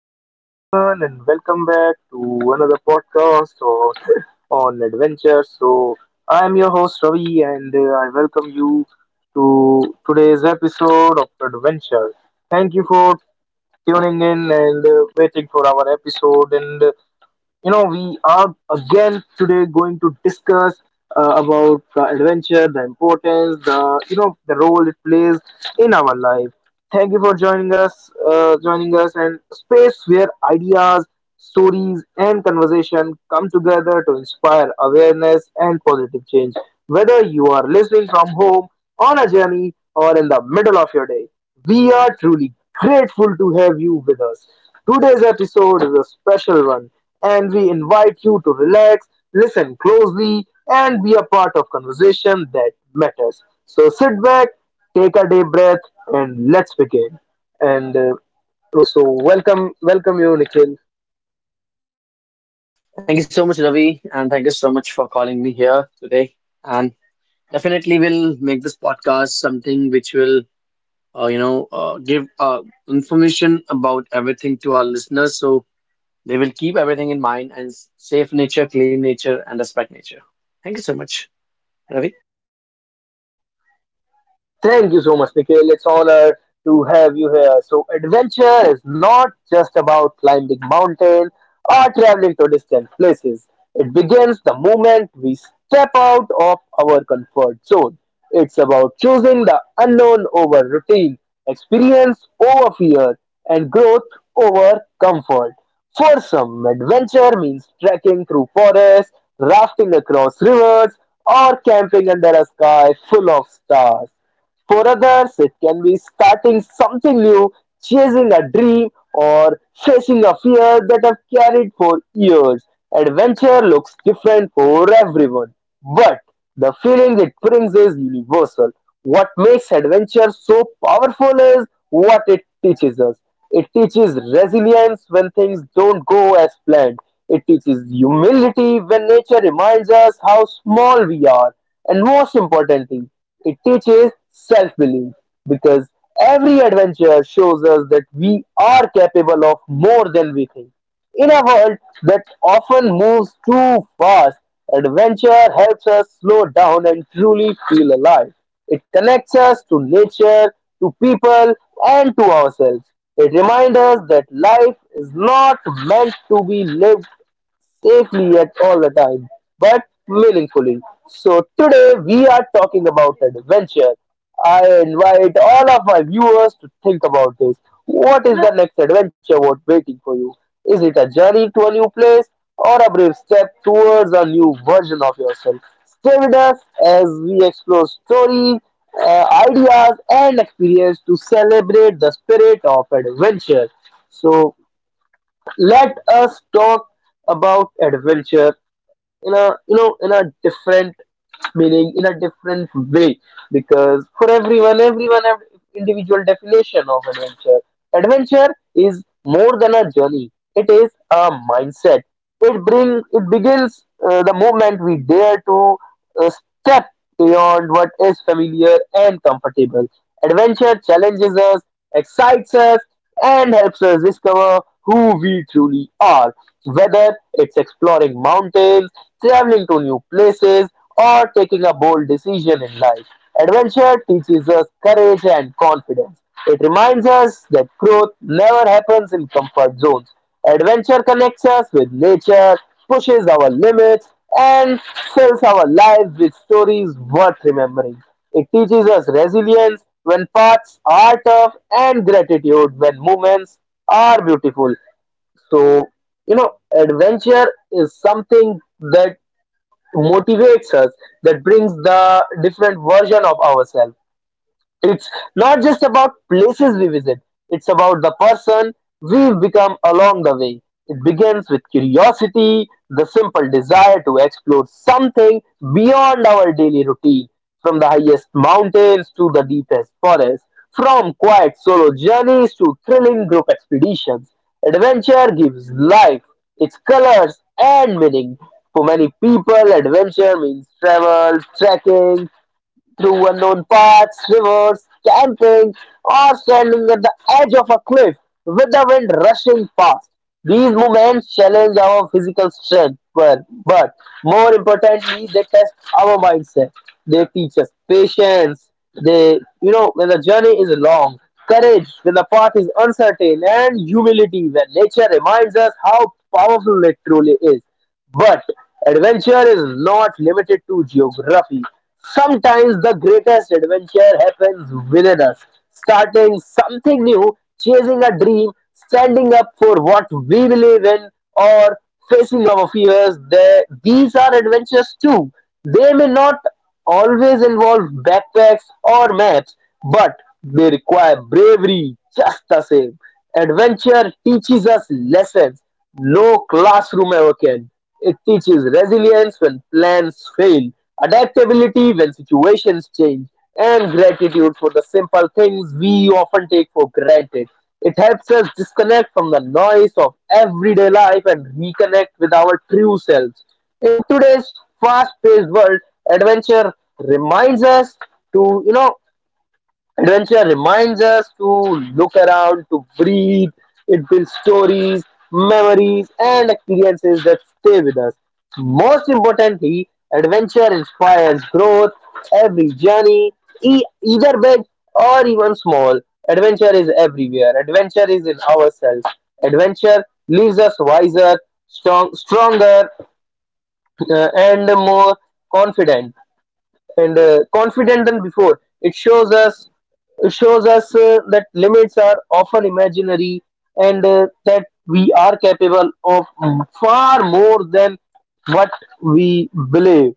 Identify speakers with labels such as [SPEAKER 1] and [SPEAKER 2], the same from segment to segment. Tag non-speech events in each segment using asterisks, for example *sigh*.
[SPEAKER 1] Hello everyone, and welcome back to another podcast or *laughs* on adventure. So I'm your host Ravi, and I welcome you to today's episode of Adventure. Thank you for tuning in and waiting for our episode, and we are again today going to discuss about the adventure, the importance, the you know the role it plays in our life. Thank you for joining us, and space where ideas, stories, and conversation come together to inspire awareness and positive change, whether you are listening from home, on a journey, or in the middle of your day. We are truly grateful to have you with us. Today's episode is a special one, and we invite you to relax, listen closely, and be a part of conversation that matters. So sit back, take a deep breath, and let's begin. And uh, Welcome, welcome you, Nikhil.
[SPEAKER 2] Thank you so much, Ravi, and thank you so much for calling me here today. And definitely, we'll make this podcast something which will, give information about everything to our listeners, so they will keep everything in mind and save nature, clean nature, and respect nature. Thank you so much, Ravi.
[SPEAKER 1] Thank you so much, Nikhil. It's honor to have you here. So, adventure is not just about climbing mountain or traveling to distant places. It begins the moment we step out of our comfort zone. It's about choosing the unknown over routine, experience over fear, and growth over comfort. For some, adventure means trekking through forests, rafting across rivers, or camping under a sky full of stars. For others, it can be starting something new, chasing a dream, or facing a fear that have carried for years. Adventure looks different for everyone, but the feeling it brings is universal. What makes adventure so powerful is what it teaches us. It teaches resilience when things don't go as planned. It teaches humility when nature reminds us how small we are. And most importantly, it teaches self-belief because every adventure shows us that we are capable of more than we think. In a world that often moves too fast, adventure helps us slow down and truly feel alive. It connects us to nature, to people, and to ourselves. It reminds us that life is not meant to be lived safely at all the time, but meaningfully. So today we are talking about adventure. I invite all of my viewers to think about this. What is the next adventure worth waiting for you? Is it a journey to a new place or a brave step towards a new version of yourself? Stay with us as we explore stories, ideas, and experience to celebrate the spirit of adventure. So let us talk about adventure in a different meaning, in a different way, because for everyone have individual definition of adventure. Adventure is more than a journey, it is a mindset. It begins the moment we dare to uh, step beyond what is familiar and comfortable. Adventure challenges us, excites us, and helps us discover who we truly are, whether it's exploring mountains, traveling to new places, or taking a bold decision in life. Adventure teaches us courage and confidence. It reminds us that growth never happens in comfort zones. Adventure connects us with nature, pushes our limits, and fills our lives with stories worth remembering. It teaches us resilience when paths are tough and gratitude when moments are beautiful. So, adventure is something that motivates us, that brings the different version of ourselves. It's not just about places we visit, it's about the person we've become along the way. It begins with curiosity, the simple desire to explore something beyond our daily routine, from the highest mountains to the deepest forests, from quiet solo journeys to thrilling group expeditions. Adventure gives life, its colors, and meaning. For many people, adventure means travel, trekking through unknown paths, rivers, camping, or standing at the edge of a cliff with the wind rushing past. These movements challenge our physical strength, but more importantly, they test our mindset. They teach us patience. They, when the journey is long, courage when the path is uncertain, and humility when nature reminds us how powerful it truly is. But adventure is not limited to geography. Sometimes the greatest adventure happens within us. Starting something new, chasing a dream, standing up for what we believe in, or facing our fears, these are adventures too. They may not always involve backpacks or maps, but they require bravery just the same. Adventure teaches us lessons no classroom ever can. It teaches resilience when plans fail, adaptability when situations change, and gratitude for the simple things we often take for granted. It helps us disconnect from the noise of everyday life and reconnect with our true selves. In today's fast-paced world, adventure reminds us to you know adventure reminds us to look around, to breathe. It builds stories, memories, and experiences that stay with us. Most importantly, adventure inspires growth. Every journey, either big or even small, adventure is everywhere. Adventure is in ourselves. Adventure leaves us wiser, stronger, and more confident and confident than before. It shows us that limits are often imaginary, and that we are capable of far more than what we believe.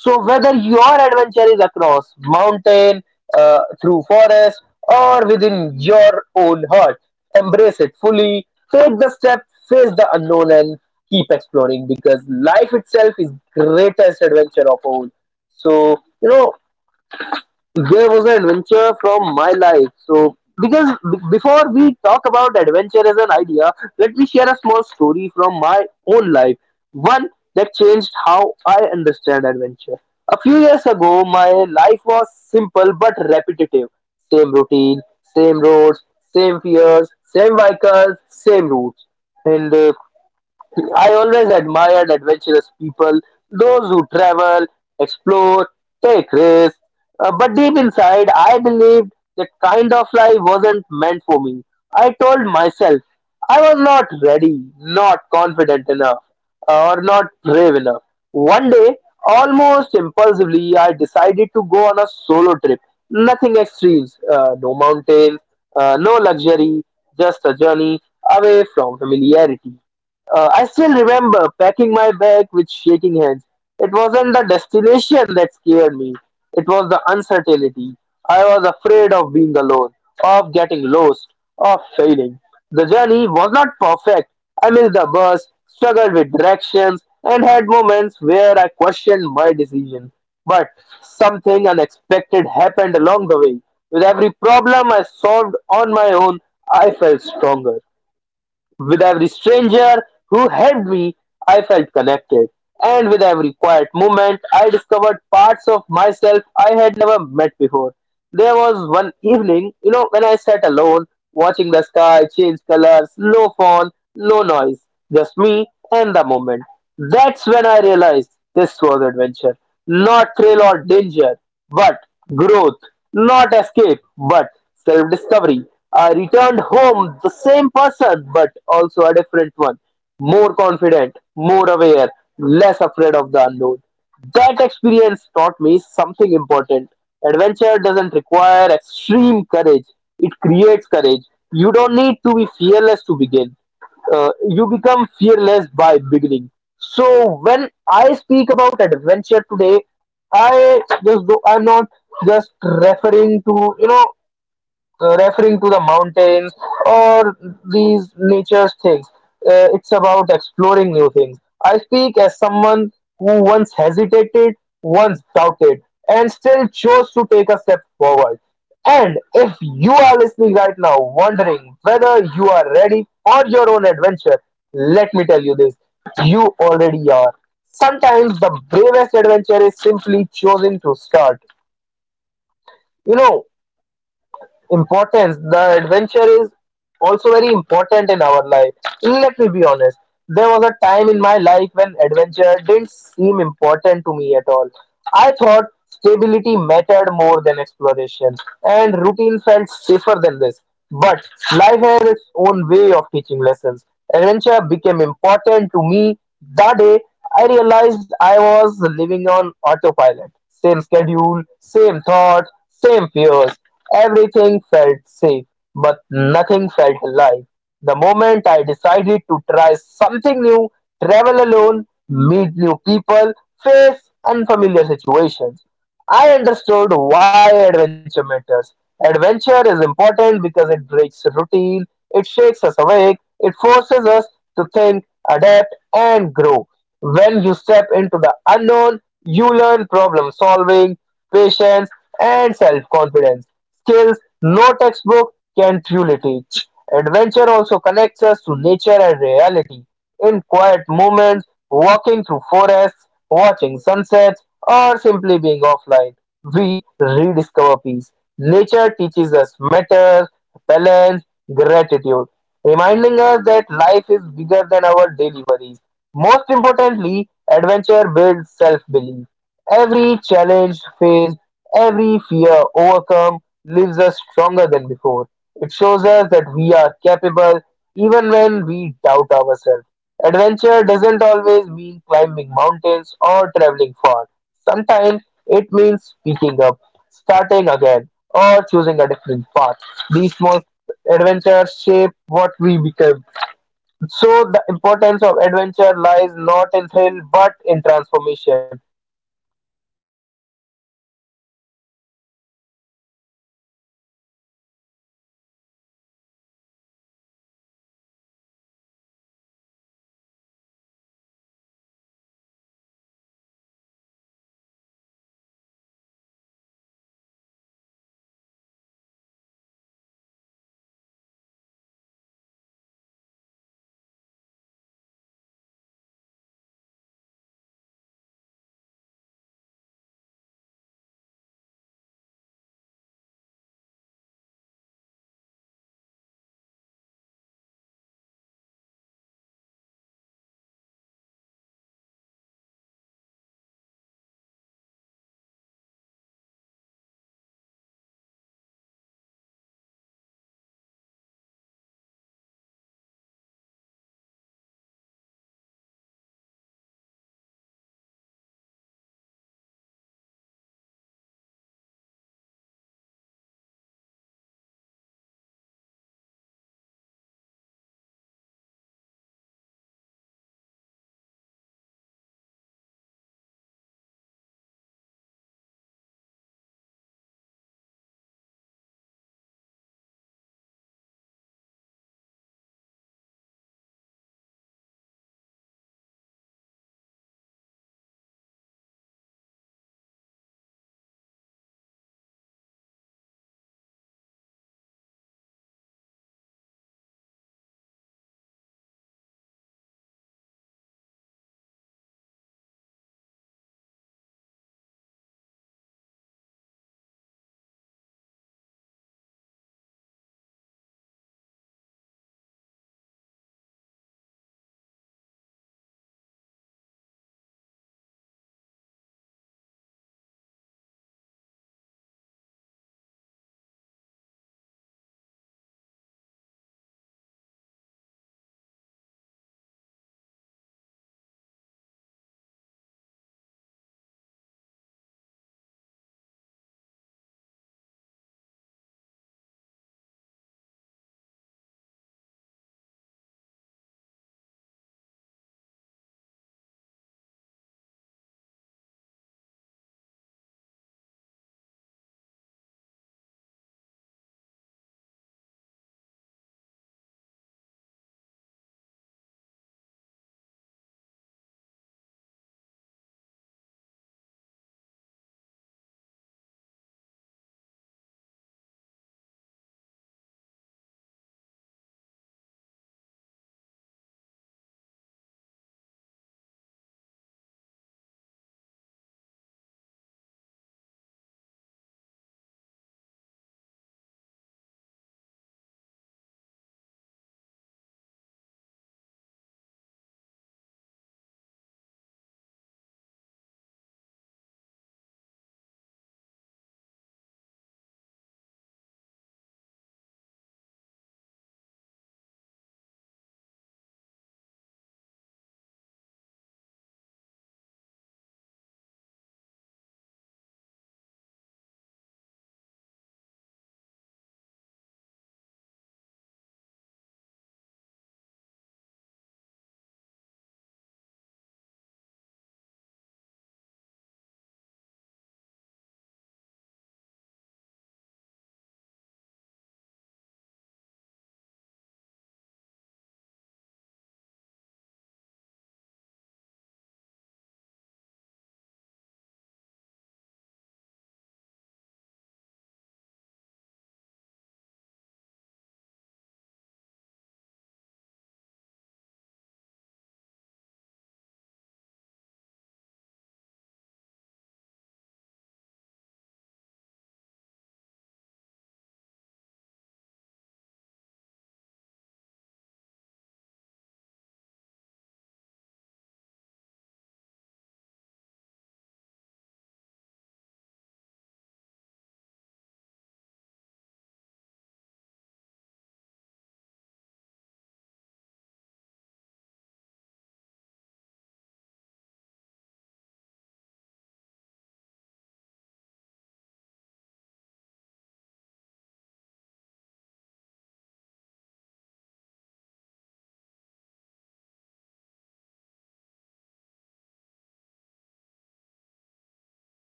[SPEAKER 1] So whether your adventure is across mountain, through forest, or within your own heart, embrace it fully. Take the step, face the unknown, and keep exploring, because life itself is greatest adventure of all. So there was an adventure from my life. So, because before we talk about adventure as an idea, let me share a small story from my own life. One that changed how I understand adventure. A few years ago, my life was simple but repetitive. Same routine, same roads, same fears, same vehicles, same routes. And I always admired adventurous people, those who travel, explore, take risks. But deep inside, I believed that kind of life wasn't meant for me. I told myself I was not ready, not confident enough, or not brave enough. One day, almost impulsively, I decided to go on a solo trip. Nothing extremes, no mountains, no luxury, just a journey away from familiarity. I still remember packing my bag with shaking hands. It wasn't the destination that scared me, it was the uncertainty. I was afraid of being alone, of getting lost, of failing. The journey was not perfect. I missed the bus, struggled with directions, and had moments where I questioned my decision. But something unexpected happened along the way. With every problem I solved on my own, I felt stronger. With every stranger who helped me, I felt connected. And with every quiet moment, I discovered parts of myself I had never met before. There was one evening, you know, when I sat alone, watching the sky change colors, no phone, no noise, just me and the moment. That's when I realized this was adventure. Not thrill or danger, but growth. Not escape, but self discovery. Returned home the same person, but also a different one. More confident, more aware, less afraid of the unknown. That experience taught me something important. Adventure doesn't require extreme courage, it creates courage. You don't need to be fearless to begin. You become fearless by beginning. So when I speak about adventure today, I just do, I'm not just referring to you know referring to the mountains or these nature's things. It's about exploring new things. I speak as someone who once hesitated, once doubted, and still chose to take a step forward. And if you are listening right now, wondering whether you are ready for your own adventure, let me tell you this: you already are. Sometimes the bravest adventure is simply choosing to start. You know, Importance the adventure is also very important in our life. Let me be honest, there was a time in my life when adventure didn't seem important to me at all. I thought stability mattered more than exploration, and routine felt safer than this. But life has its own way of teaching lessons. Adventure became important to me that day I realized I was living on autopilot. Same schedule, same thoughts, same fears. Everything felt safe, but nothing felt alive. The moment I decided to try something new, travel alone, meet new people, face unfamiliar situations, I understood why adventure matters. Adventure is important because it breaks routine, it shakes us awake, it forces us to think, adapt, and grow. When you step into the unknown, you learn problem solving, patience, and self confidence, skills no textbook can truly teach. Adventure also connects us to nature and reality. In quiet moments, walking through forests, watching sunsets, or simply being offline, we rediscover peace. Nature teaches us matters, balance, gratitude, reminding us that life is bigger than our daily worries. Most importantly, adventure builds self belief. Every challenge faced, every fear overcome leaves us stronger than before. It shows us that we are capable even when we doubt ourselves. Adventure doesn't always mean climbing mountains or traveling far. Sometimes it means picking up, starting again, or choosing a different path. These small adventures shape what we become. So, the importance of adventure lies not in thrill but in transformation.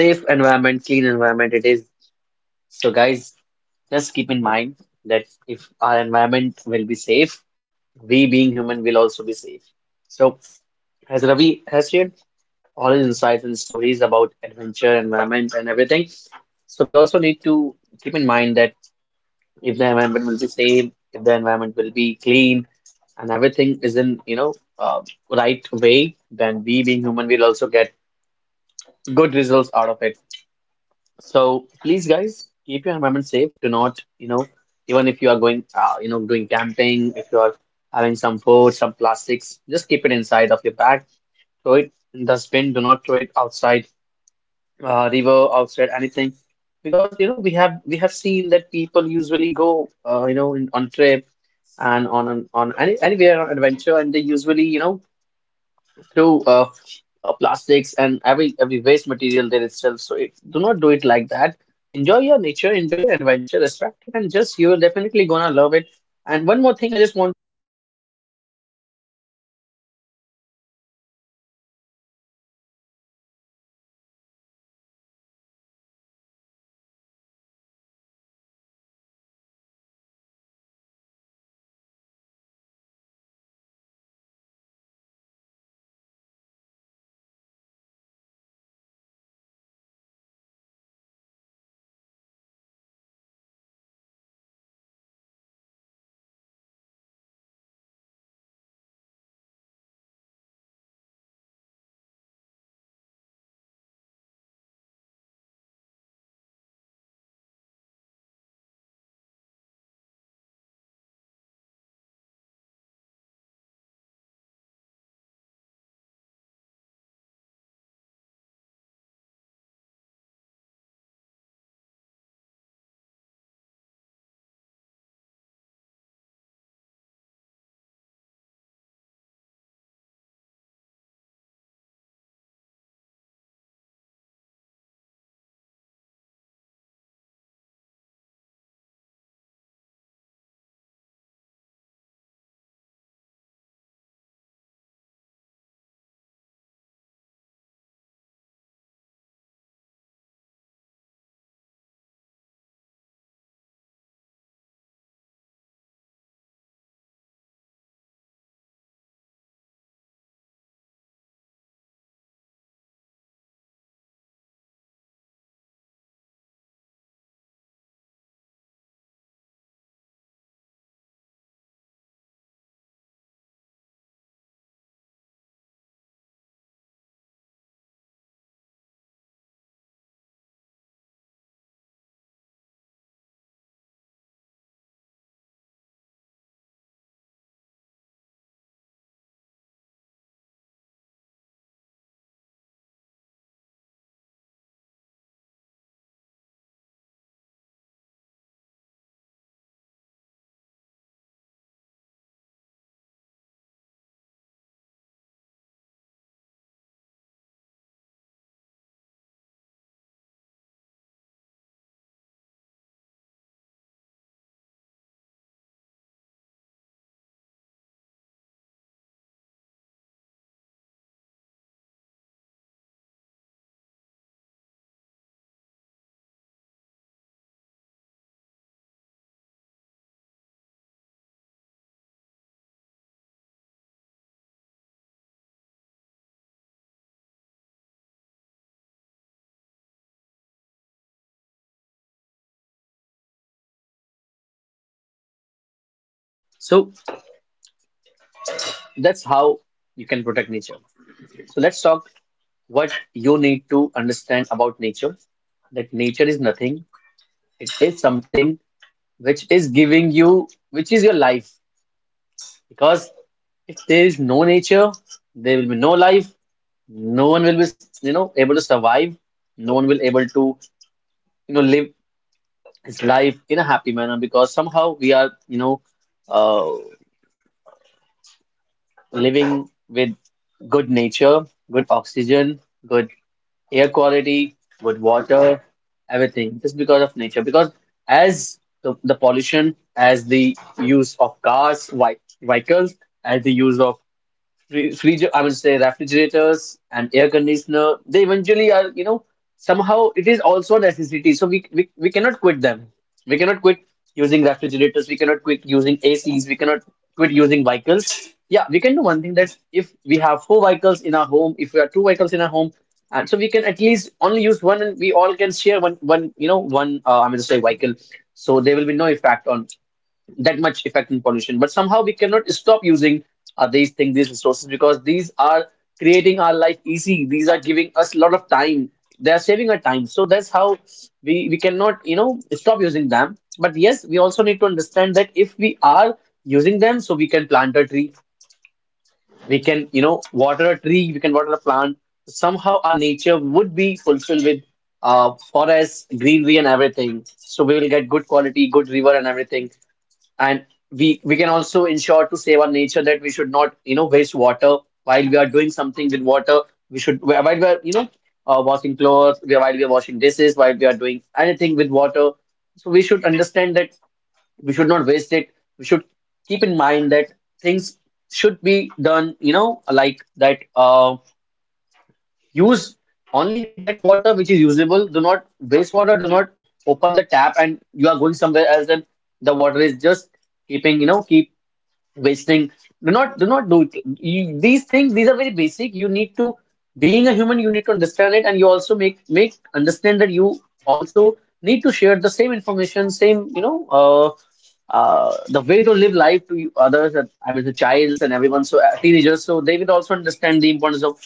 [SPEAKER 2] Safe environment, clean environment. It is so, guys. Just keep in mind that if our environment will be safe, we being human will also be safe. So, as Ravi has shared all his insights and stories about adventure, environment, and everything. So we also need to keep in mind that if the environment will be safe, if the environment will be clean, and everything is in, right way, then we being human will also get good results out of it. So please, guys, keep your environment safe. Do not, you know, even if you are going, doing camping, if you are having some food, some plastics, just keep it inside of your bag. Throw it in the bin. Do not throw it outside river, outside anything, because you know we have seen that people usually go on trip and on anywhere on adventure, and they usually, you know, throw plastics and every waste material there itself. So do not do it like that. Enjoy your nature, enjoy your adventure, respect it, and just you are definitely gonna love it. And one more thing I just want, so that's how you can protect nature. So let's talk what you need to understand about nature, that nature is nothing. It is something which is giving you, which is your life. Because if there is no nature, there will be no life. No one will be, you know, able to survive. No one will able to, you know, live his life in a happy manner, because somehow we are, uh, living with good nature, good oxygen, good air quality, with water, everything, just because of nature. Because as the pollution, as the use of cars, vehicles, as the use of Fridge, I would say refrigerators and air conditioner, they eventually are, you know, somehow it is also a necessity. So we cannot quit them. We cannot quit using refrigerators. We cannot quit using ACs. We cannot quit using vehicles. Yeah, we can do one thing that if we have four vehicles in our home, if we have two vehicles in our home, and so we can at least only use one, and we all can share one, one, you know, one, I'm going to say, vehicle. So there will be no effect on, that much effect in pollution. But somehow we cannot stop using these things, these resources, because these are creating our life easy. These are giving us a lot of time. They are saving our time. So that's how we cannot, you know, stop using them. But yes, we also need to understand that if we are using them, so we can plant a tree, we can, you know, water a tree, we can water a plant. Somehow our nature would be fulfilled with forests, greenery, and everything. So we will get good quality, good river, and everything. And we can also ensure to save our nature, that we should not, you know, waste water while we are doing something with water. We should, while we are, washing clothes, while we are washing dishes, while we are doing anything with water, so we should understand that we should not waste it. We should keep in mind that things should be done, you know, like that. Use only that water which is usable. Do not waste water. Do not open the tap and you are going somewhere else and the water is just keeping, you know, keep wasting. Do not do it. These things, these are very basic. You need to, being a human, you need to understand it. And you also make understand that you also need to share the same information, same, the way to live life, to others, and, I mean the childs and everyone, so teenagers, so they will also understand the importance of.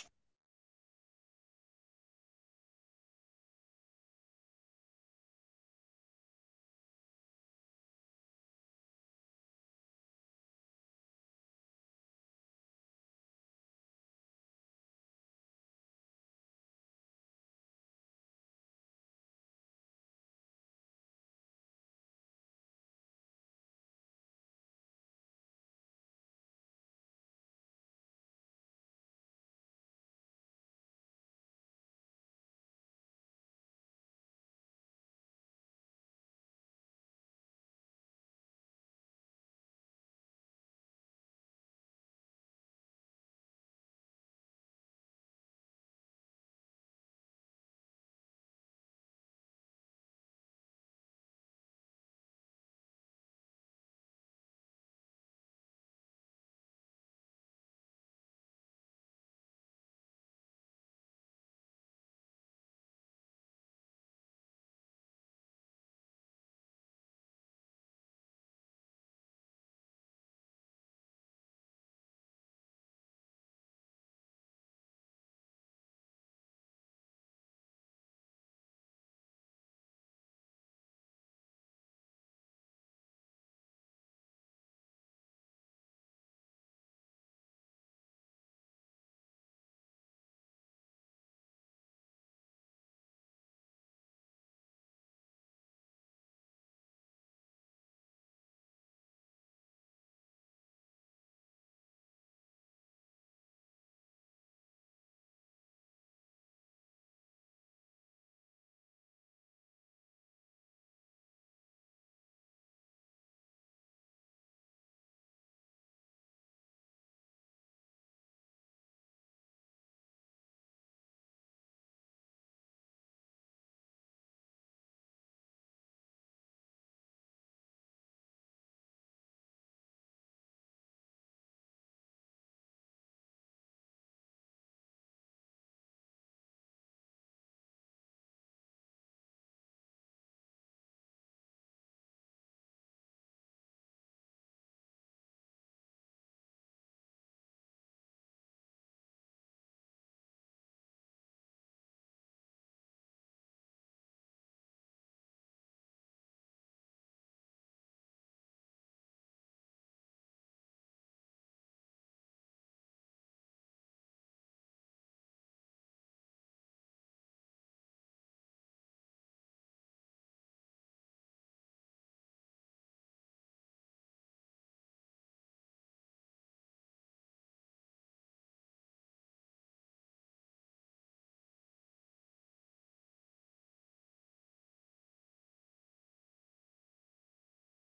[SPEAKER 2] So, uh,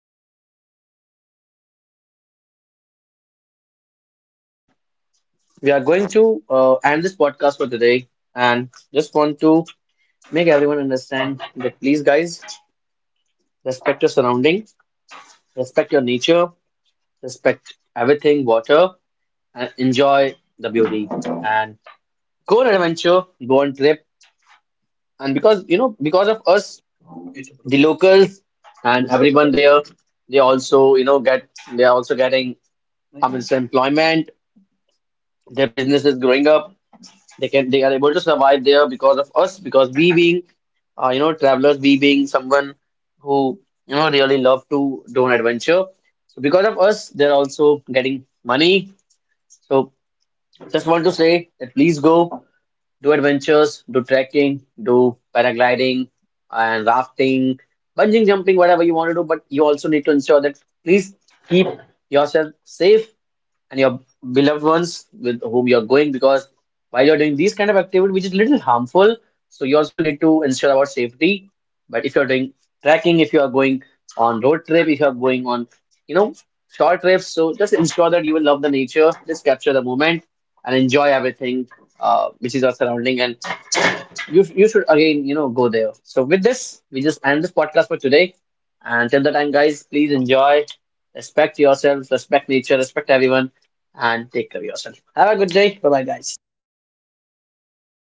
[SPEAKER 2] before we end this podcast for today, we we are going to end this podcast for today, and just want to make everyone understand that please, guys, respect your surrounding, respect your nature, respect everything, water, and enjoy the beauty. And go on an adventure, go on trip. And because, you know, because of us, the locals and everyone there, they also, you know, get they are also getting some employment, their business is growing up. They are able to survive there because of us, because we being you know travelers, we being someone who, you know, really love to do an adventure. So because of us, they're also getting money. So just want to say that please go do adventures, do trekking, do paragliding and rafting, bungee jumping, whatever you want to do. But you also need to ensure that please keep yourself safe and your beloved ones with whom you're going, because while you're doing these kind of activity which is little harmful, so you also need to ensure about safety. But if you're doing trekking, if you are going on road trip, if you are going on, you know, short trips, so just ensure that you will love the nature, just capture the moment and enjoy everything, which is our surrounding, and you should again, you know, go there. So with this we just end this podcast for today. And till the time, guys, please enjoy, respect yourselves, respect nature, respect everyone, and take care of yourself. Have a good day. Bye bye, guys.